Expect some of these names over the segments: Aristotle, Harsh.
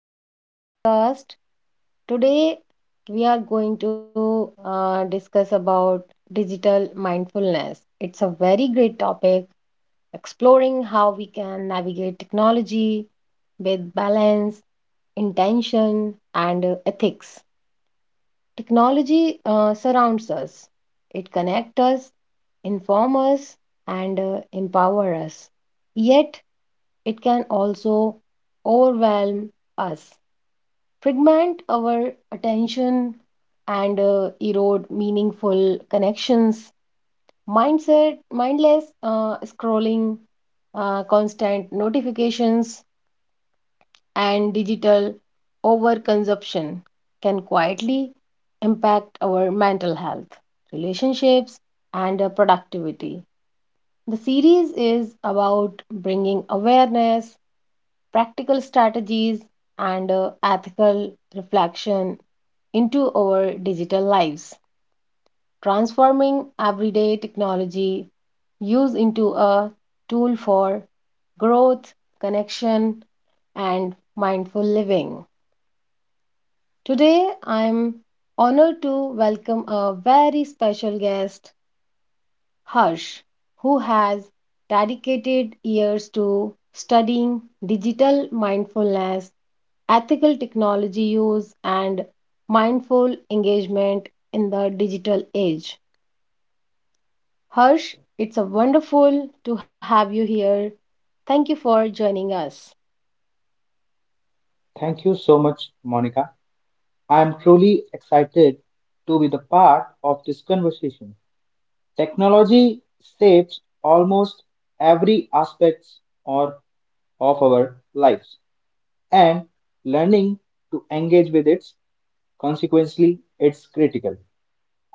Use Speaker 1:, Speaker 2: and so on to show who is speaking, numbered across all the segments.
Speaker 1: welcome to my podcast. Today we are going to discuss about digital mindfulness. It's a very great topic, exploring how we can navigate technology with balance, intention, and ethics. Technology surrounds us, it connects us, informs us, and empower us. Yet it can also overwhelm us, fragment our attention, and erode meaningful connections. Mindset, mindless scrolling, constant notifications, and digital overconsumption can quietly impact our mental health, relationships, and productivity. The series is about bringing awareness, practical strategies, and ethical reflection into our digital lives, transforming everyday technology use into a tool for growth, connection, and mindful living. Today, I'm honored to welcome a very special guest, Harsh, who has dedicated years to studying digital mindfulness, ethical technology use, and mindful engagement in the digital age. Harsh, it's a wonderful to have you here. Thank you for joining us.
Speaker 2: Thank you so much, Monica. I am truly excited to be the part of this conversation. Technology shapes almost every aspect or of our lives, and learning to engage with it consequently it's critical.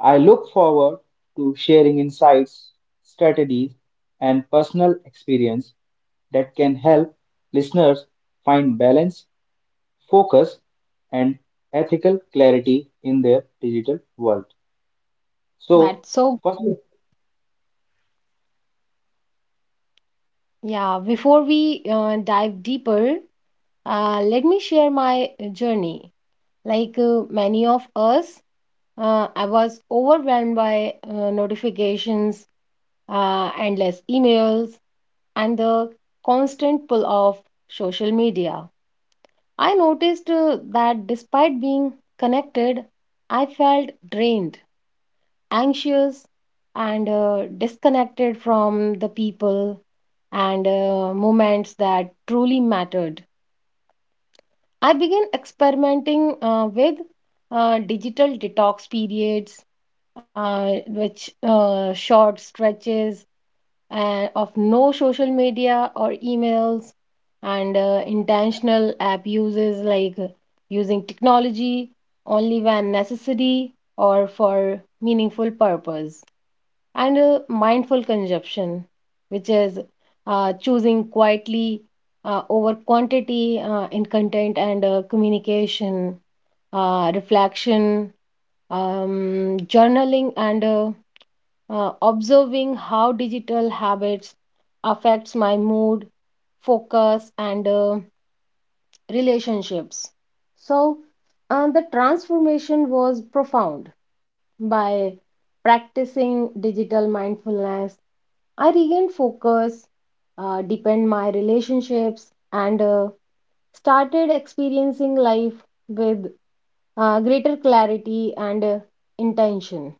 Speaker 2: I look forward to sharing insights, strategies, and personal experience that can help listeners find balance focus and ethical clarity in their digital world. So,
Speaker 1: That's so
Speaker 2: first,
Speaker 1: Yeah, before we dive deeper, let me share my journey. Like many of us, I was overwhelmed by notifications, endless emails, and the constant pull of social media. I noticed that despite being connected, I felt drained, anxious, and disconnected from the people and moments that truly mattered. I began experimenting with digital detox periods, which short stretches of no social media or emails, and intentional abuses, like using technology only when necessary or for meaningful purpose, and mindful consumption, which is choosing quietly over quantity in content and communication, reflection, journaling, and observing how digital habits affects my mood, focus, and relationships. So the transformation was profound. By practicing digital mindfulness, I regained focus, deepened my relationships, and started experiencing life with greater clarity and intention.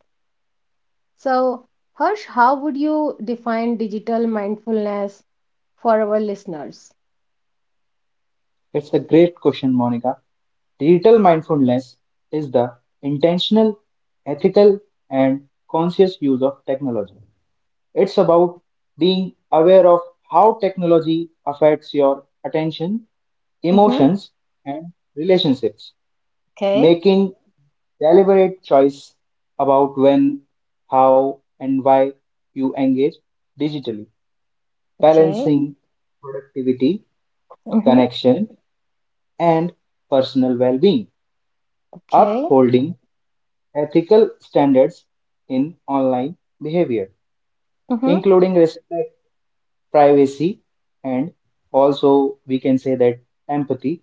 Speaker 1: So, Harsh, how would you define digital mindfulness for our listeners?
Speaker 2: it's a great question, Monica. Digital mindfulness is the intentional, ethical, and conscious use of technology. It's about being aware of how technology affects your attention,
Speaker 1: Mm-hmm.
Speaker 2: emotions, and relationships,
Speaker 1: Okay,
Speaker 2: making deliberate choice about when, how, and why you engage digitally,
Speaker 1: okay.
Speaker 2: balancing productivity,
Speaker 1: Mm-hmm.
Speaker 2: connection, and personal well being,
Speaker 1: Okay.
Speaker 2: upholding ethical standards in online behavior,
Speaker 1: Mm-hmm.
Speaker 2: including respect, privacy, and also we can say that empathy.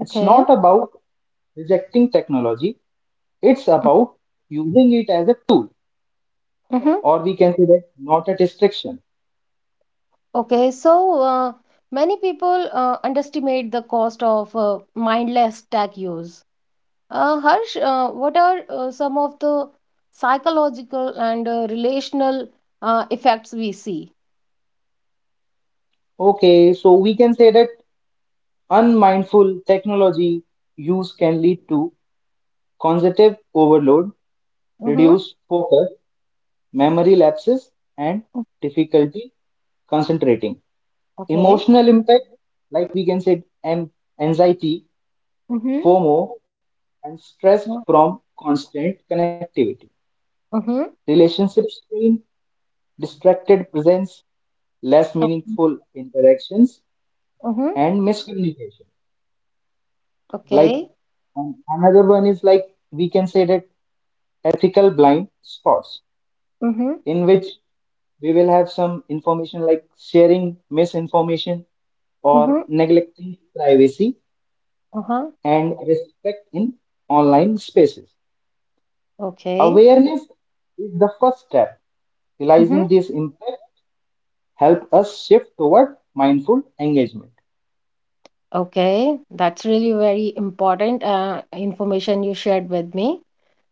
Speaker 2: It's not about rejecting technology, it's about using it as a tool,
Speaker 1: Mm-hmm.
Speaker 2: or we can say that not a distraction.
Speaker 1: Okay, so many people underestimate the cost of mindless tech use. Harsh, what are some of the psychological and relational effects we see?
Speaker 2: Okay, so we can say that unmindful technology use can lead to cognitive overload,
Speaker 1: Mm-hmm.
Speaker 2: reduced focus, memory lapses, and difficulty concentrating.
Speaker 1: Okay.
Speaker 2: Emotional impact, like we can say an anxiety,
Speaker 1: Mm-hmm.
Speaker 2: FOMO, and stress
Speaker 1: Mm.
Speaker 2: from constant connectivity. Relationship strain, distracted presence, less meaningful interactions,
Speaker 1: Mm-hmm.
Speaker 2: and miscommunication. Like
Speaker 1: Okay.
Speaker 2: another one is like we can say that ethical blind spots
Speaker 1: Mm-hmm.
Speaker 2: in which we will have some information like sharing misinformation or
Speaker 1: Mm-hmm.
Speaker 2: neglecting privacy
Speaker 1: Uh-huh.
Speaker 2: and respect in online spaces.
Speaker 1: Okay.
Speaker 2: Awareness is the first step.
Speaker 1: Mm-hmm.
Speaker 2: Realizing this impact help us shift toward mindful engagement.
Speaker 1: Okay. That's really very important information you shared with me.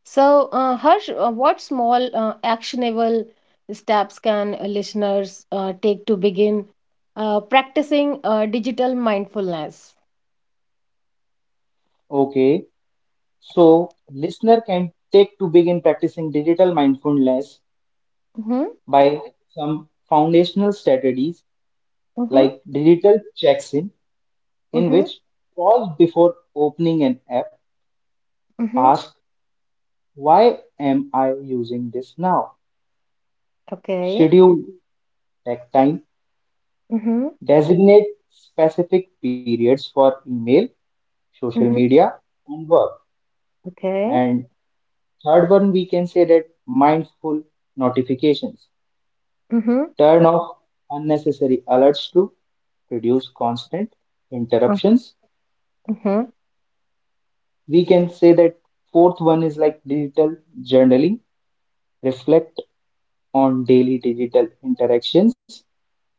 Speaker 1: So, Harsh, what small actionable steps can listeners take to begin practicing digital mindfulness?
Speaker 2: Okay, so listener can take to begin practicing digital mindfulness
Speaker 1: Mm-hmm.
Speaker 2: by some foundational strategies
Speaker 1: Mm-hmm.
Speaker 2: like digital checks-in, in
Speaker 1: Mm-hmm.
Speaker 2: which pause before opening an app,
Speaker 1: Mm-hmm.
Speaker 2: ask why am I using this now?
Speaker 1: Okay.
Speaker 2: Schedule tech time,
Speaker 1: Mm-hmm.
Speaker 2: designate specific periods for email, social
Speaker 1: Mm-hmm.
Speaker 2: media, and work.
Speaker 1: Okay.
Speaker 2: And third one, we can say that mindful notifications.
Speaker 1: Mm-hmm.
Speaker 2: Turn off unnecessary alerts to reduce constant interruptions,
Speaker 1: Mm-hmm.
Speaker 2: we can say that fourth one is like digital journaling, reflect on daily digital interactions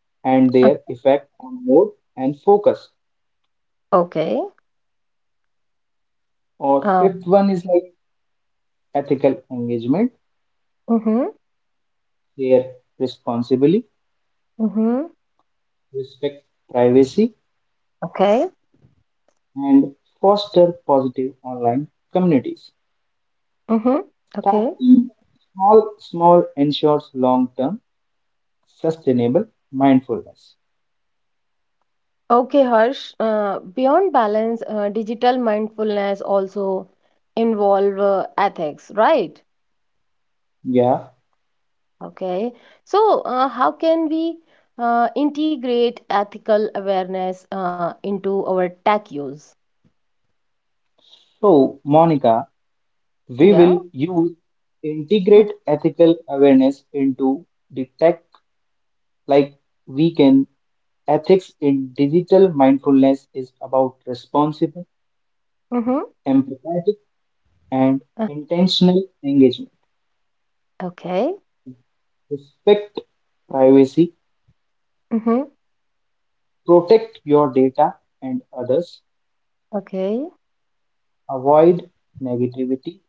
Speaker 2: and their effect on mood and focus,
Speaker 1: Okay.
Speaker 2: or fifth
Speaker 1: Um,
Speaker 2: one is like ethical engagement,
Speaker 1: mm-hmm.
Speaker 2: share responsibly,
Speaker 1: Mm-hmm.
Speaker 2: respect privacy,
Speaker 1: Okay.
Speaker 2: and foster positive online communities.
Speaker 1: Mm-hmm. Okay.
Speaker 2: Starting small small ensures long term sustainable mindfulness.
Speaker 1: Okay, Harsh. Beyond balance, digital mindfulness also involve ethics, right?
Speaker 2: Yeah,
Speaker 1: Okay. So, how can we integrate ethical awareness into our tech use?
Speaker 2: so Monica, we
Speaker 1: Yeah.
Speaker 2: will use integrate ethical awareness into the tech like we can. Ethics in digital mindfulness is about responsible,
Speaker 1: Mm-hmm.
Speaker 2: empathetic, and
Speaker 1: Uh,
Speaker 2: intentional engagement.
Speaker 1: Okay.
Speaker 2: Respect privacy,
Speaker 1: Mm-hmm.
Speaker 2: protect your data and others,
Speaker 1: Okay.
Speaker 2: avoid negativity,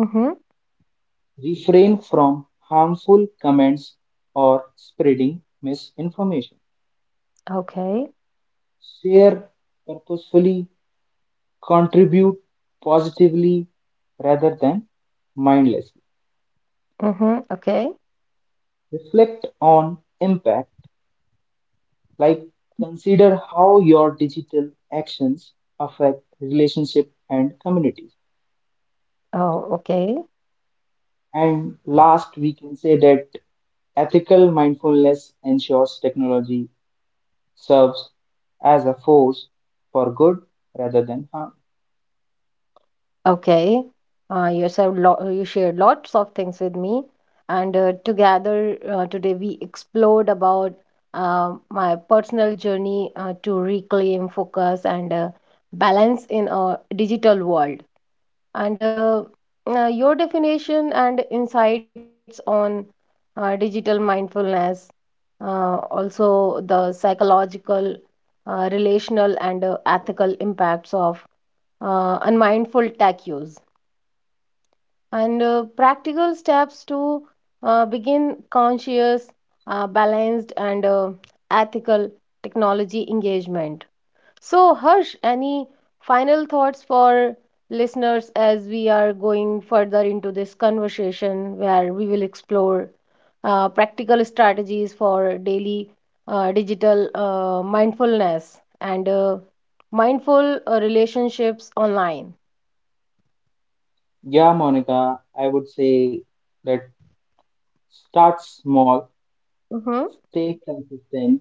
Speaker 1: Mm-hmm.
Speaker 2: refrain from harmful comments or spreading misinformation,
Speaker 1: Okay.
Speaker 2: share purposefully, contribute positively rather than mindlessly.
Speaker 1: Mm-hmm. Okay.
Speaker 2: Reflect on impact, like consider how your digital actions affect relationship and communities.
Speaker 1: Oh, okay.
Speaker 2: And last, we can say that ethical mindfulness ensures technology serves as a force for good rather than harm.
Speaker 1: Okay. You shared lots of things with me, and together today we explored about my personal journey to reclaim focus and balance in a digital world. And your definition and insights on digital mindfulness, also the psychological, relational, and ethical impacts of unmindful tech use, and practical steps to begin conscious, balanced, and ethical technology engagement. So, Harsh, any final thoughts for listeners as we are going further into this conversation, where we will explore practical strategies for daily digital mindfulness and mindful relationships online?
Speaker 2: Yeah, Monica, I would say that start small,
Speaker 1: Mm-hmm.
Speaker 2: stay consistent,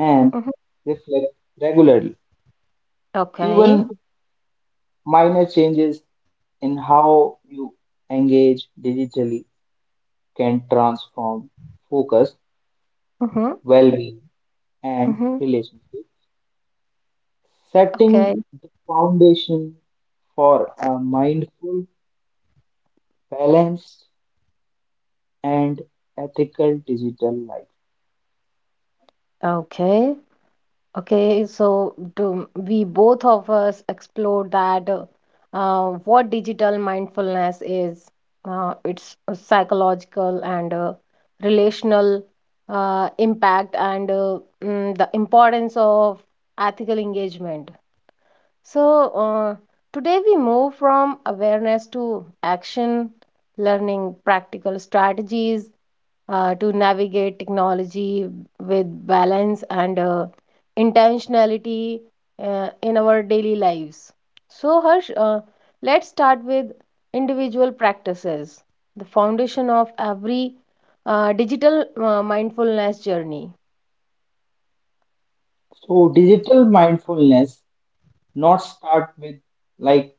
Speaker 2: and
Speaker 1: Mm-hmm.
Speaker 2: reflect regularly.
Speaker 1: Okay.
Speaker 2: Even minor changes in how you engage digitally can transform focus,
Speaker 1: Mm-hmm.
Speaker 2: well being, and
Speaker 1: Mm-hmm.
Speaker 2: relationships.
Speaker 1: Okay,
Speaker 2: Setting the foundation for a mindful, balanced, and ethical digital life.
Speaker 1: okay, okay. So, do we both of us explore that what digital mindfulness is? It's a psychological and relational impact, and the importance of ethical engagement. So, today we move from awareness to action, learning practical strategies to navigate technology with balance and intentionality in our daily lives. So, Harsh, let's start with individual practices, the foundation of every digital mindfulness journey.
Speaker 2: So, digital mindfulness not start with like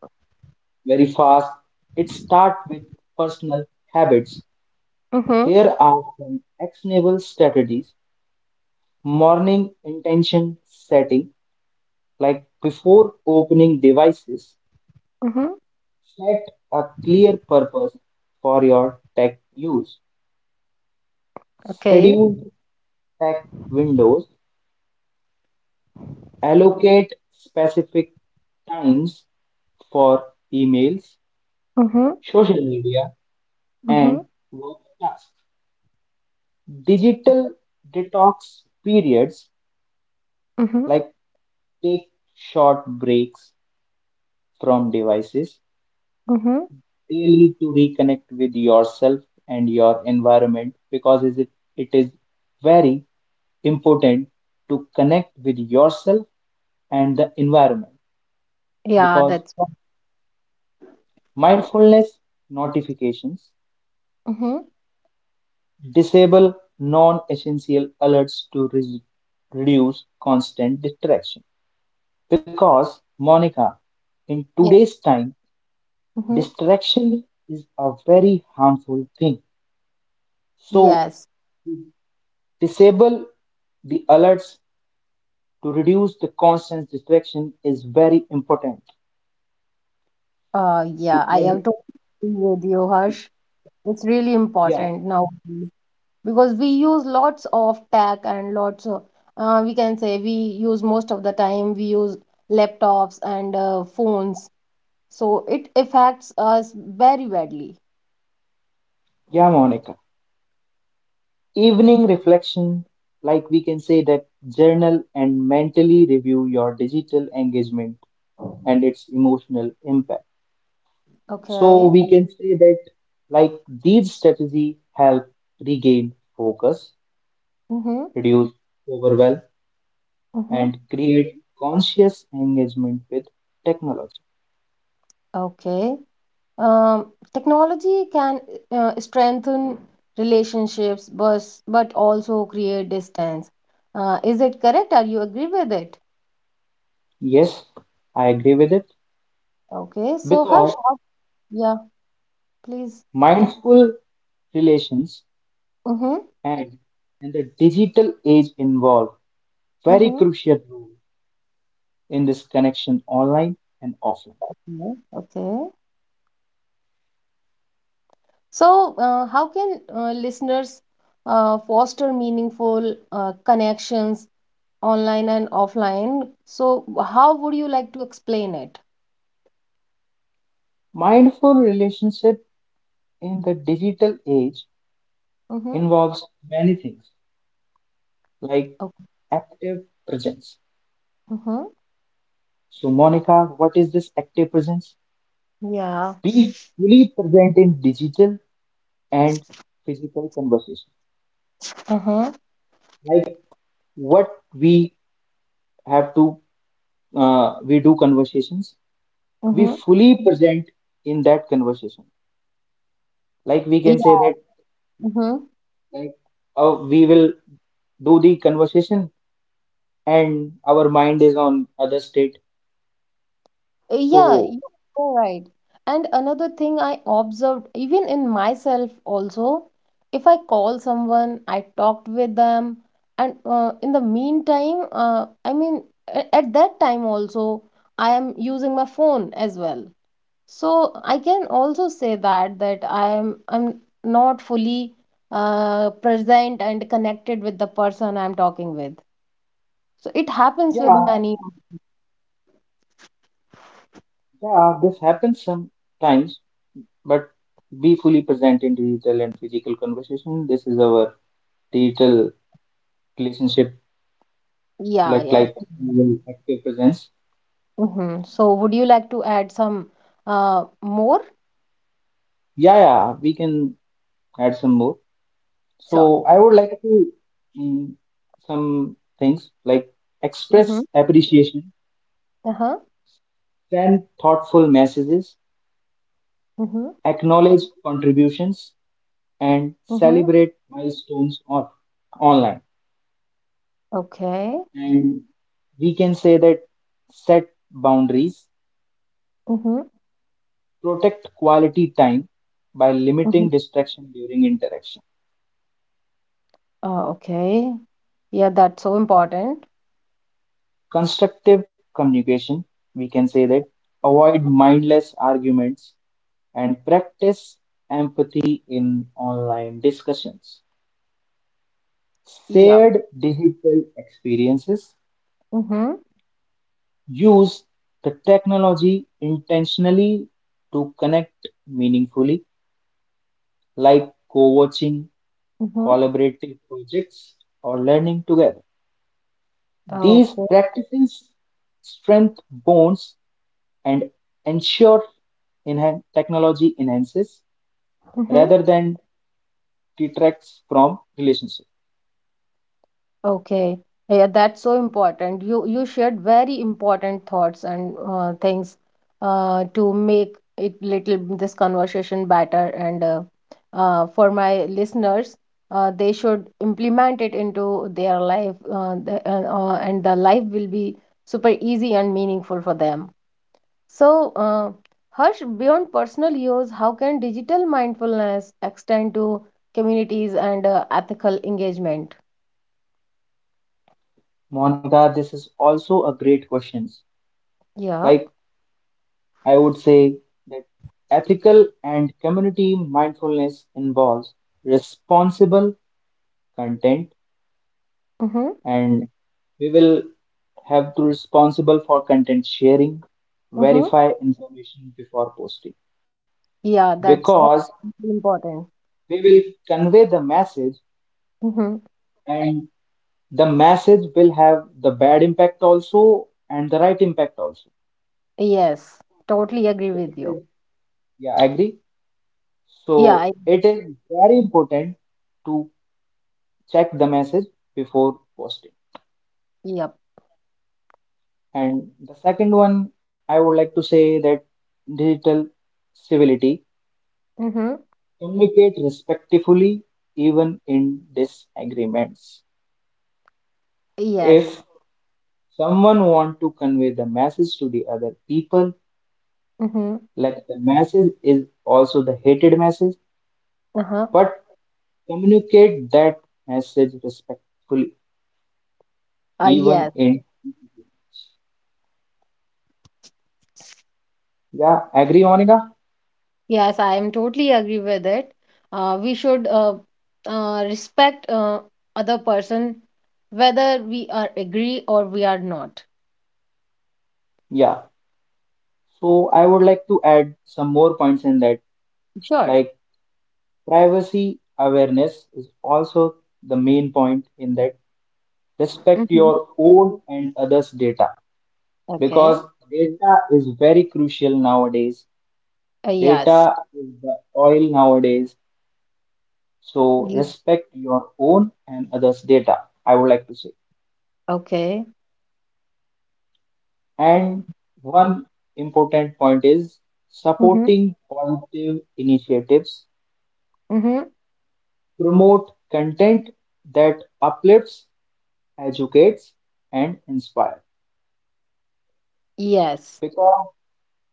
Speaker 2: very fast. It starts with personal habits.
Speaker 1: Mm-hmm.
Speaker 2: Here are some actionable strategies. Morning intention setting, like before opening devices,
Speaker 1: Mm-hmm.
Speaker 2: set a clear purpose for your tech use.
Speaker 1: Okay.
Speaker 2: Schedule tech windows, allocate specific times for emails,
Speaker 1: Mm-hmm.
Speaker 2: social media,
Speaker 1: Mm-hmm.
Speaker 2: and work tasks. Digital detox periods
Speaker 1: Mm-hmm.
Speaker 2: like take short breaks from devices.
Speaker 1: Mm-hmm.
Speaker 2: They lead to reconnect with yourself and your environment because it is very important to connect with yourself and the environment,
Speaker 1: Yeah,
Speaker 2: because
Speaker 1: that's what.
Speaker 2: mindfulness notifications,
Speaker 1: Mm-hmm.
Speaker 2: disable non-essential alerts to reduce constant distraction, because Monica, in
Speaker 1: Yeah.
Speaker 2: today's time
Speaker 1: Mm-hmm.
Speaker 2: distraction is a very harmful thing. So
Speaker 1: Yes,
Speaker 2: disable the alerts to reduce the constant distraction is very important
Speaker 1: yeah,
Speaker 2: to,
Speaker 1: I have to agree with you, Harsh. It's really
Speaker 2: yeah,
Speaker 1: important now because we use lots of tech and lots of, we can say, we use most of the time we use laptops and phones, so it affects us very badly.
Speaker 2: yeah, Monica, evening reflection, like we can say that journal and mentally review your digital engagement and its emotional impact. So
Speaker 1: Okay.
Speaker 2: we can say that like these strategy help regain focus,
Speaker 1: Mm-hmm.
Speaker 2: reduce overwhelm,
Speaker 1: Mm-hmm.
Speaker 2: and create conscious engagement with technology.
Speaker 1: Okay. Um, Technology can strengthen relationships, but also create distance. Is it correct? Are you agree with it?
Speaker 2: Yes, I agree with it
Speaker 1: Okay. So Harsh,
Speaker 2: because
Speaker 1: yeah, please.
Speaker 2: mindful relations
Speaker 1: Mm-hmm.
Speaker 2: and the digital age involve very
Speaker 1: Mm-hmm.
Speaker 2: crucial role in this connection online and offline.
Speaker 1: Yeah. Okay. So, how can listeners foster meaningful connections online and offline? So, how would you like to explain it?
Speaker 2: Mindful relationship in the digital age
Speaker 1: Mm-hmm.
Speaker 2: involves many things like
Speaker 1: Okay.
Speaker 2: active presence.
Speaker 1: Mm-hmm.
Speaker 2: So Monica, what is this active presence?
Speaker 1: Yeah.
Speaker 2: Be fully present in digital and physical conversation.
Speaker 1: Uh-huh.
Speaker 2: Like what we have to we do conversations, we
Speaker 1: Mm-hmm.
Speaker 2: fully present in that conversation. Like we can say that
Speaker 1: Yeah.
Speaker 2: like we will do the conversation and our mind is on other state.
Speaker 1: Yeah,
Speaker 2: So
Speaker 1: you are right. And another thing I observed, even in myself also, if I call someone, I talked with them, and in the meantime, I mean, at that time also, I am using my phone as well. So I can also say that I'm not fully present and connected with the person I'm talking with. So it happens with
Speaker 2: yeah,
Speaker 1: many.
Speaker 2: yeah, this happens sometimes, but be fully present in digital and physical conversation. This is our digital relationship,
Speaker 1: Yeah,
Speaker 2: like
Speaker 1: yeah.
Speaker 2: active presence.
Speaker 1: Mm-hmm. So, would you like to add some more?
Speaker 2: Yeah, yeah, we can add some more.
Speaker 1: Sure.
Speaker 2: So I would like to mm, some things like
Speaker 1: Mm-hmm.
Speaker 2: express appreciation,
Speaker 1: Uh-huh.
Speaker 2: send thoughtful messages,
Speaker 1: Mm-hmm.
Speaker 2: acknowledge contributions, and
Speaker 1: Mm-hmm.
Speaker 2: celebrate milestones on online.
Speaker 1: Okay.
Speaker 2: And we can say that set boundaries,
Speaker 1: Mm-hmm.
Speaker 2: protect quality time by
Speaker 1: Mm-hmm.
Speaker 2: limiting distraction during interaction.
Speaker 1: Okay. Yeah, that's so important.
Speaker 2: Constructive communication, we can say that avoid mindless arguments and practice empathy in online discussions.
Speaker 1: Yeah.
Speaker 2: Shared digital experiences,
Speaker 1: Mm-hmm.
Speaker 2: use the technology intentionally to connect meaningfully, like co watching,
Speaker 1: Mm-hmm.
Speaker 2: collaborative projects, or learning together. These
Speaker 1: Okay.
Speaker 2: practices strengthen bonds and ensure technology enhances
Speaker 1: Mm-hmm.
Speaker 2: rather than detracts from relationships.
Speaker 1: Okay. Yeah, that's so important. You shared very important thoughts and things to make it little this conversation better. And for my listeners, they should implement it into their life, and the life will be super easy and meaningful for them. So, Harsh, beyond personal use, how can digital mindfulness extend to communities and ethical engagement?
Speaker 2: Monica, this is also a great question.
Speaker 1: Yeah.
Speaker 2: Like I would say that ethical and community mindfulness involves responsible content,
Speaker 1: Mm-hmm.
Speaker 2: and we will have to responsible for content sharing,
Speaker 1: Mm-hmm.
Speaker 2: verify information before posting
Speaker 1: Yeah, that's
Speaker 2: because
Speaker 1: that's important.
Speaker 2: we will convey the message
Speaker 1: Mm-hmm.
Speaker 2: and the message will have the bad impact also and the right impact also.
Speaker 1: Yes, totally agree
Speaker 2: So
Speaker 1: with
Speaker 2: it
Speaker 1: you.
Speaker 2: is, yeah, I agree.
Speaker 1: Yeah,
Speaker 2: So it is very important to check the message before posting.
Speaker 1: yep.
Speaker 2: And the second one, I would like to say that digital civility,
Speaker 1: Mm-hmm.
Speaker 2: communicate respectfully even in disagreements. If
Speaker 1: Yes.
Speaker 2: someone want to convey the message to the other people,
Speaker 1: Mm-hmm.
Speaker 2: like the message is also the hated message,
Speaker 1: Uh-huh.
Speaker 2: but communicate that message respectfully even
Speaker 1: Yes.
Speaker 2: in, yeah, agree, Monica?
Speaker 1: Yes, I am totally agree with it. We should respect other person, whether we are agree or we are not.
Speaker 2: Yeah, so I would like to add some more points in that.
Speaker 1: Sure.
Speaker 2: Like privacy awareness is also the main point in that. Respect
Speaker 1: Mm-hmm.
Speaker 2: your own and others' data
Speaker 1: Okay.
Speaker 2: because data is very crucial nowadays.
Speaker 1: Yes.
Speaker 2: Data is the oil nowadays. So
Speaker 1: Ye-
Speaker 2: respect your own and others' data, I would like to say.
Speaker 1: Okay. Mm-hmm.
Speaker 2: And one important point is supporting positive initiatives,
Speaker 1: Mm-hmm.
Speaker 2: promote content that uplifts, educates, and inspires.
Speaker 1: Yes.
Speaker 2: Because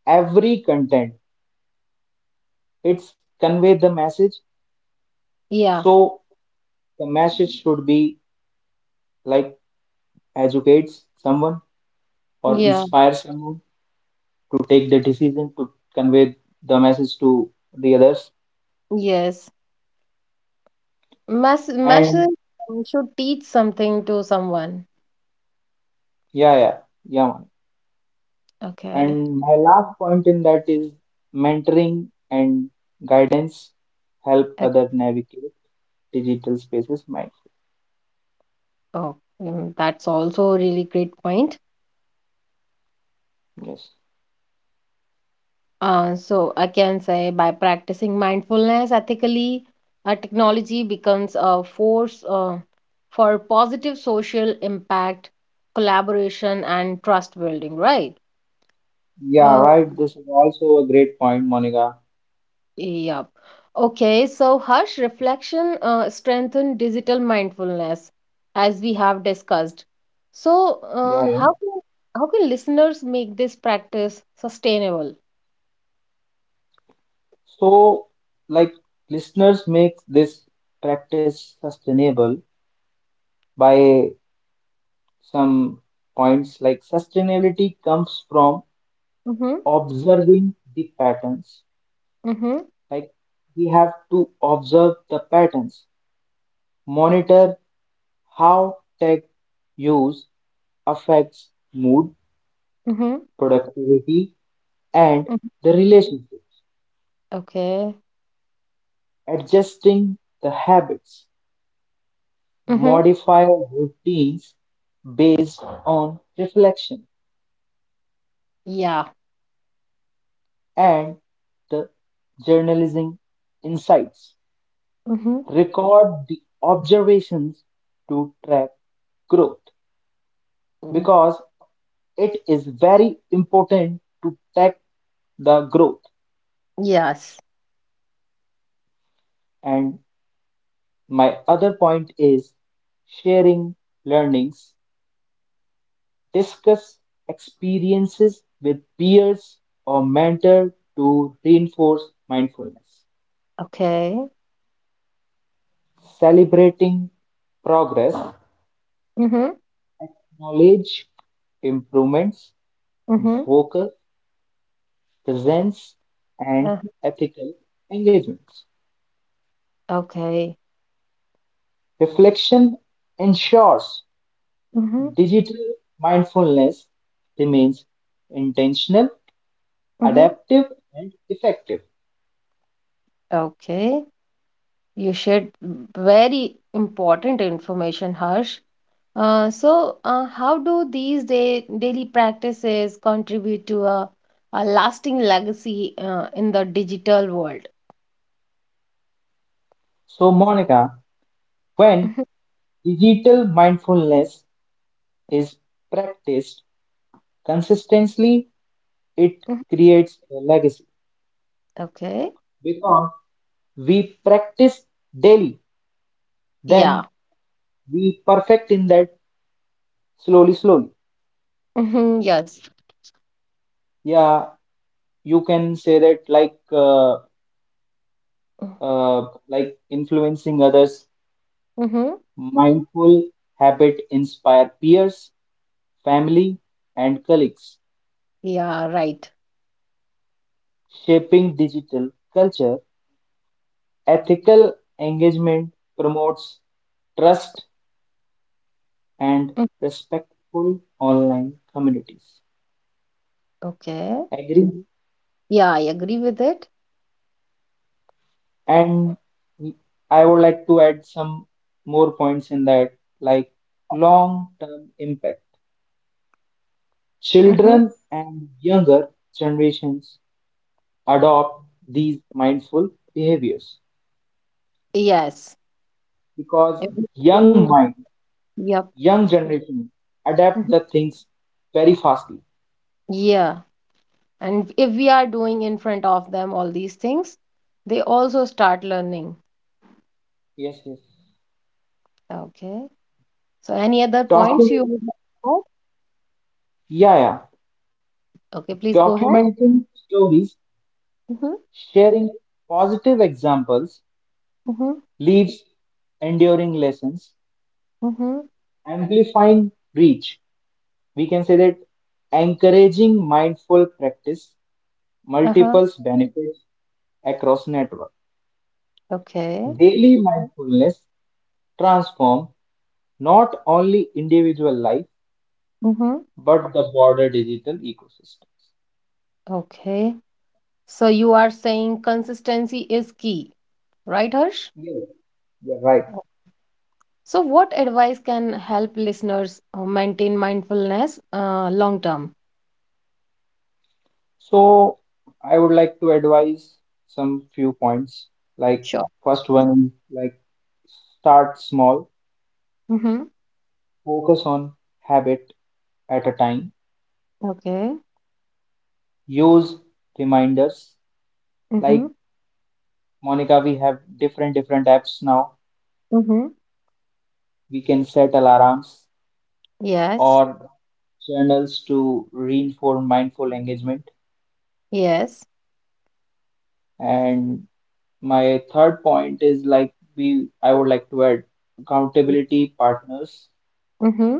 Speaker 2: every content, it's convey the message.
Speaker 1: Yeah.
Speaker 2: So the message should be like educates someone or
Speaker 1: Yeah.
Speaker 2: inspires someone to take the decision to convey the message to the others.
Speaker 1: Yes. Masses
Speaker 2: And
Speaker 1: should teach something to someone.
Speaker 2: yeah, yeah, yeah, man.
Speaker 1: Okay.
Speaker 2: And my last point in that is mentoring and guidance help
Speaker 1: Ec-
Speaker 2: other navigate digital spaces.
Speaker 1: Oh, that's also a really great point.
Speaker 2: Yes.
Speaker 1: So I can say, by practicing mindfulness ethically, technology becomes a force for positive social impact, collaboration, and trust building, right?
Speaker 2: Yeah,
Speaker 1: Uh,
Speaker 2: right. This is also a great point, Monica.
Speaker 1: Yep. Okay, so Harsh, reflection strengthen digital mindfulness, as we have discussed. So,
Speaker 2: Yeah, yeah.
Speaker 1: how can listeners make this practice sustainable?
Speaker 2: So, like, listeners make this practice sustainable by some points. Like, sustainability comes from
Speaker 1: Mhm.
Speaker 2: observing the patterns.
Speaker 1: Mhm.
Speaker 2: Like, we have to observe the patterns, monitor how tech use affects mood,
Speaker 1: Mhm.
Speaker 2: productivity, and
Speaker 1: Mhm.
Speaker 2: the relationships,
Speaker 1: Okay.
Speaker 2: adjusting the habits.
Speaker 1: Mhm.
Speaker 2: Modify routines based on reflection
Speaker 1: Yeah.
Speaker 2: and the journalism insights.
Speaker 1: Mhm.
Speaker 2: Record the observations to track growth
Speaker 1: Mm,
Speaker 2: because it is very important to track the growth.
Speaker 1: yes.
Speaker 2: And my other point is sharing learnings, discuss experiences with peers or mentor to reinforce mindfulness.
Speaker 1: Okay.
Speaker 2: Celebrating progress,
Speaker 1: Mhm.
Speaker 2: knowledge, improvements,
Speaker 1: Mhm.
Speaker 2: focus, presence, and
Speaker 1: uh,
Speaker 2: ethical engagement.
Speaker 1: Okay.
Speaker 2: Reflection ensures
Speaker 1: Mhm.
Speaker 2: digital mindfulness remains intentional,
Speaker 1: Mhm.
Speaker 2: adaptive, and effective.
Speaker 1: Okay. You shared very important information, Harsh. So, how do these daily practices contribute to a lasting legacy in the digital world?
Speaker 2: So, Monica, when
Speaker 1: Mhm.
Speaker 2: digital mindfulness is practiced consistently, it
Speaker 1: Mhm.
Speaker 2: creates a legacy
Speaker 1: Okay.
Speaker 2: because we practice daily,
Speaker 1: Yeah.
Speaker 2: then we perfect in that slowly slowly.
Speaker 1: Hmm, yes.
Speaker 2: Yeah, you can say that uh, like influencing others,
Speaker 1: Mm-hmm.
Speaker 2: mindful habit inspire peers, family, and colleagues,
Speaker 1: Yeah, right.
Speaker 2: shaping digital culture, ethical engagement promotes trust and
Speaker 1: Mm.
Speaker 2: respectful online communities,
Speaker 1: Okay.
Speaker 2: agree.
Speaker 1: Yeah, I agree with it.
Speaker 2: And I would like to add some more points in that, like long-term impact.
Speaker 1: Mm-hmm.
Speaker 2: Children and younger generations adopt these mindful behaviors
Speaker 1: Yes.
Speaker 2: because
Speaker 1: If we
Speaker 2: young
Speaker 1: do-
Speaker 2: mind,
Speaker 1: Yep.
Speaker 2: young generation adapt
Speaker 1: Mhm.
Speaker 2: the things very fastly.
Speaker 1: Yeah. And if we are doing in front of them all these things, they also start learning.
Speaker 2: Yes, yes.
Speaker 1: Okay. So, any other points you would
Speaker 2: Document,
Speaker 1: like to add?
Speaker 2: yeah, yeah.
Speaker 1: Okay, please go ahead.
Speaker 2: Documenting stories,
Speaker 1: Mhm,
Speaker 2: sharing positive examples
Speaker 1: mhm,
Speaker 2: leaves enduring lessons,
Speaker 1: mhm.
Speaker 2: amplifying reach. We can say that encouraging mindful practice
Speaker 1: Uh-huh.
Speaker 2: multiples benefits across network.
Speaker 1: Okay.
Speaker 2: Daily mindfulness transform not only individual life
Speaker 1: Mhm.
Speaker 2: but the broader digital ecosystems.
Speaker 1: Okay. So you are saying consistency is key, right, Harsh?
Speaker 2: Yeah, you're right.
Speaker 1: So what advice can help listeners maintain mindfulness long term?
Speaker 2: So I would like to advise some few points. Like
Speaker 1: Sure.
Speaker 2: first one, like start small,
Speaker 1: Mhm.
Speaker 2: focus on habit at a time,
Speaker 1: Okay.
Speaker 2: use reminders.
Speaker 1: Mhm.
Speaker 2: Like Monica, we have different different apps now.
Speaker 1: Mhm.
Speaker 2: We can set alarms
Speaker 1: Yes.
Speaker 2: or journals to reinforce mindful engagement.
Speaker 1: Yes.
Speaker 2: And my third point is like we I would like to add accountability partners,
Speaker 1: Mm-hmm.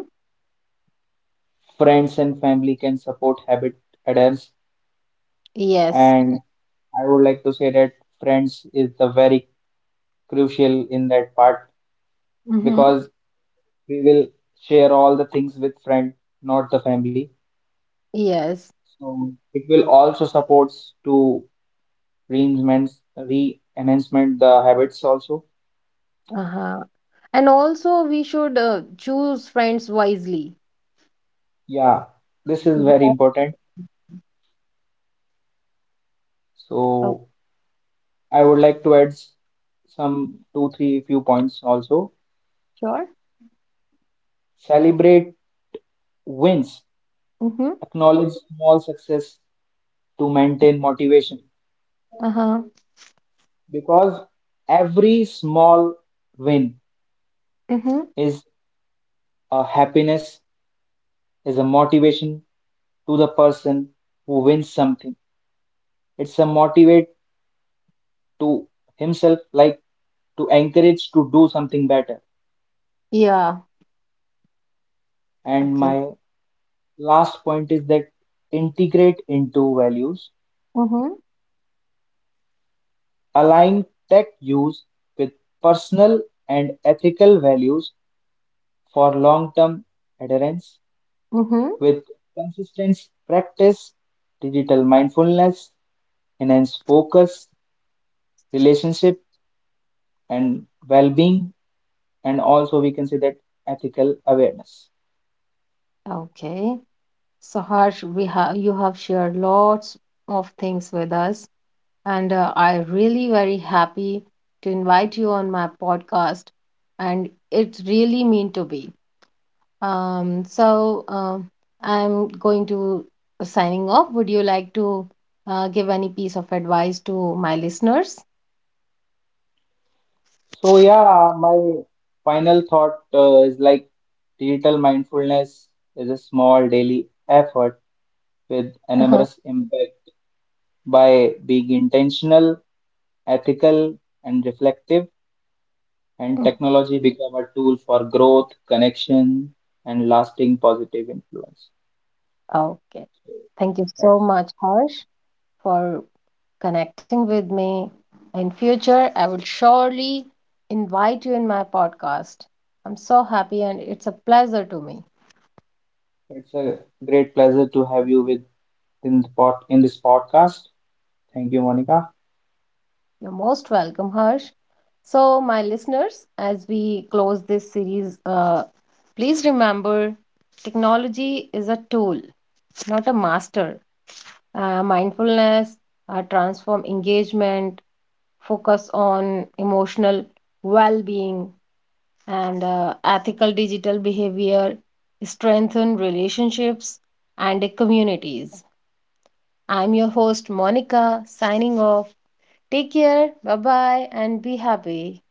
Speaker 2: friends and family can support habit adherence.
Speaker 1: Yes.
Speaker 2: And I would like to say that friends is the very crucial in that part
Speaker 1: Mm-hmm.
Speaker 2: because we will share all the things with friend, not the family.
Speaker 1: Yes.
Speaker 2: So it will also supports to reenhancements, re-enhancement the habits also.
Speaker 1: Uh-huh. And also, we should choose friends wisely.
Speaker 2: Yeah, this is very
Speaker 1: Yeah.
Speaker 2: important.
Speaker 1: Oh,
Speaker 2: So I would like to add some two, three few points also.
Speaker 1: sure.
Speaker 2: Celebrate wins,
Speaker 1: Mm-hmm.
Speaker 2: acknowledge small success to maintain motivation
Speaker 1: Uh-huh.
Speaker 2: because every small win
Speaker 1: Mm-hmm.
Speaker 2: is a happiness, is a motivation to the person who wins something. It's a motivate to himself like to encourage to do something better,
Speaker 1: Yeah.
Speaker 2: and
Speaker 1: Okay.
Speaker 2: my last point is that integrate into values,
Speaker 1: Mm-hmm.
Speaker 2: align tech use with personal and ethical values for long-term adherence,
Speaker 1: Mm-hmm.
Speaker 2: with consistent practice digital mindfulness enhance focus, relationship, and well-being, and also we can say that ethical awareness.
Speaker 1: Okay. So Harsh, we have you have shared lots of things with us, and I really very happy to invite you on my podcast, and it really mean to be. So I'm going to signing off. Would you like to give any piece of advice to my listeners?
Speaker 2: So yeah, my final thought is like digital mindfulness is a small daily effort with
Speaker 1: Uh-huh.
Speaker 2: enormous impact by being intentional, ethical, and reflective, and
Speaker 1: Mm.
Speaker 2: technology become a tool for growth, connection, and lasting positive influence.
Speaker 1: Okay.
Speaker 2: So
Speaker 1: Thank you so
Speaker 2: that's
Speaker 1: much, Harsh, for connecting with me. In future, I will surely invite you in my podcast. I'm so happy and it's a pleasure to me.
Speaker 2: it's a great pleasure to have you with in the pod, in this podcast. Thank you, Monica.
Speaker 1: You're most welcome, Harsh. So, my listeners, as we close this series, please remember, technology is a tool, not a master. Mindfulness, transform engagement, focus on emotional well being, and ethical digital behavior strengthen relationships and communities. I'm your host Monica, signing off. Take care, bye bye, and be happy.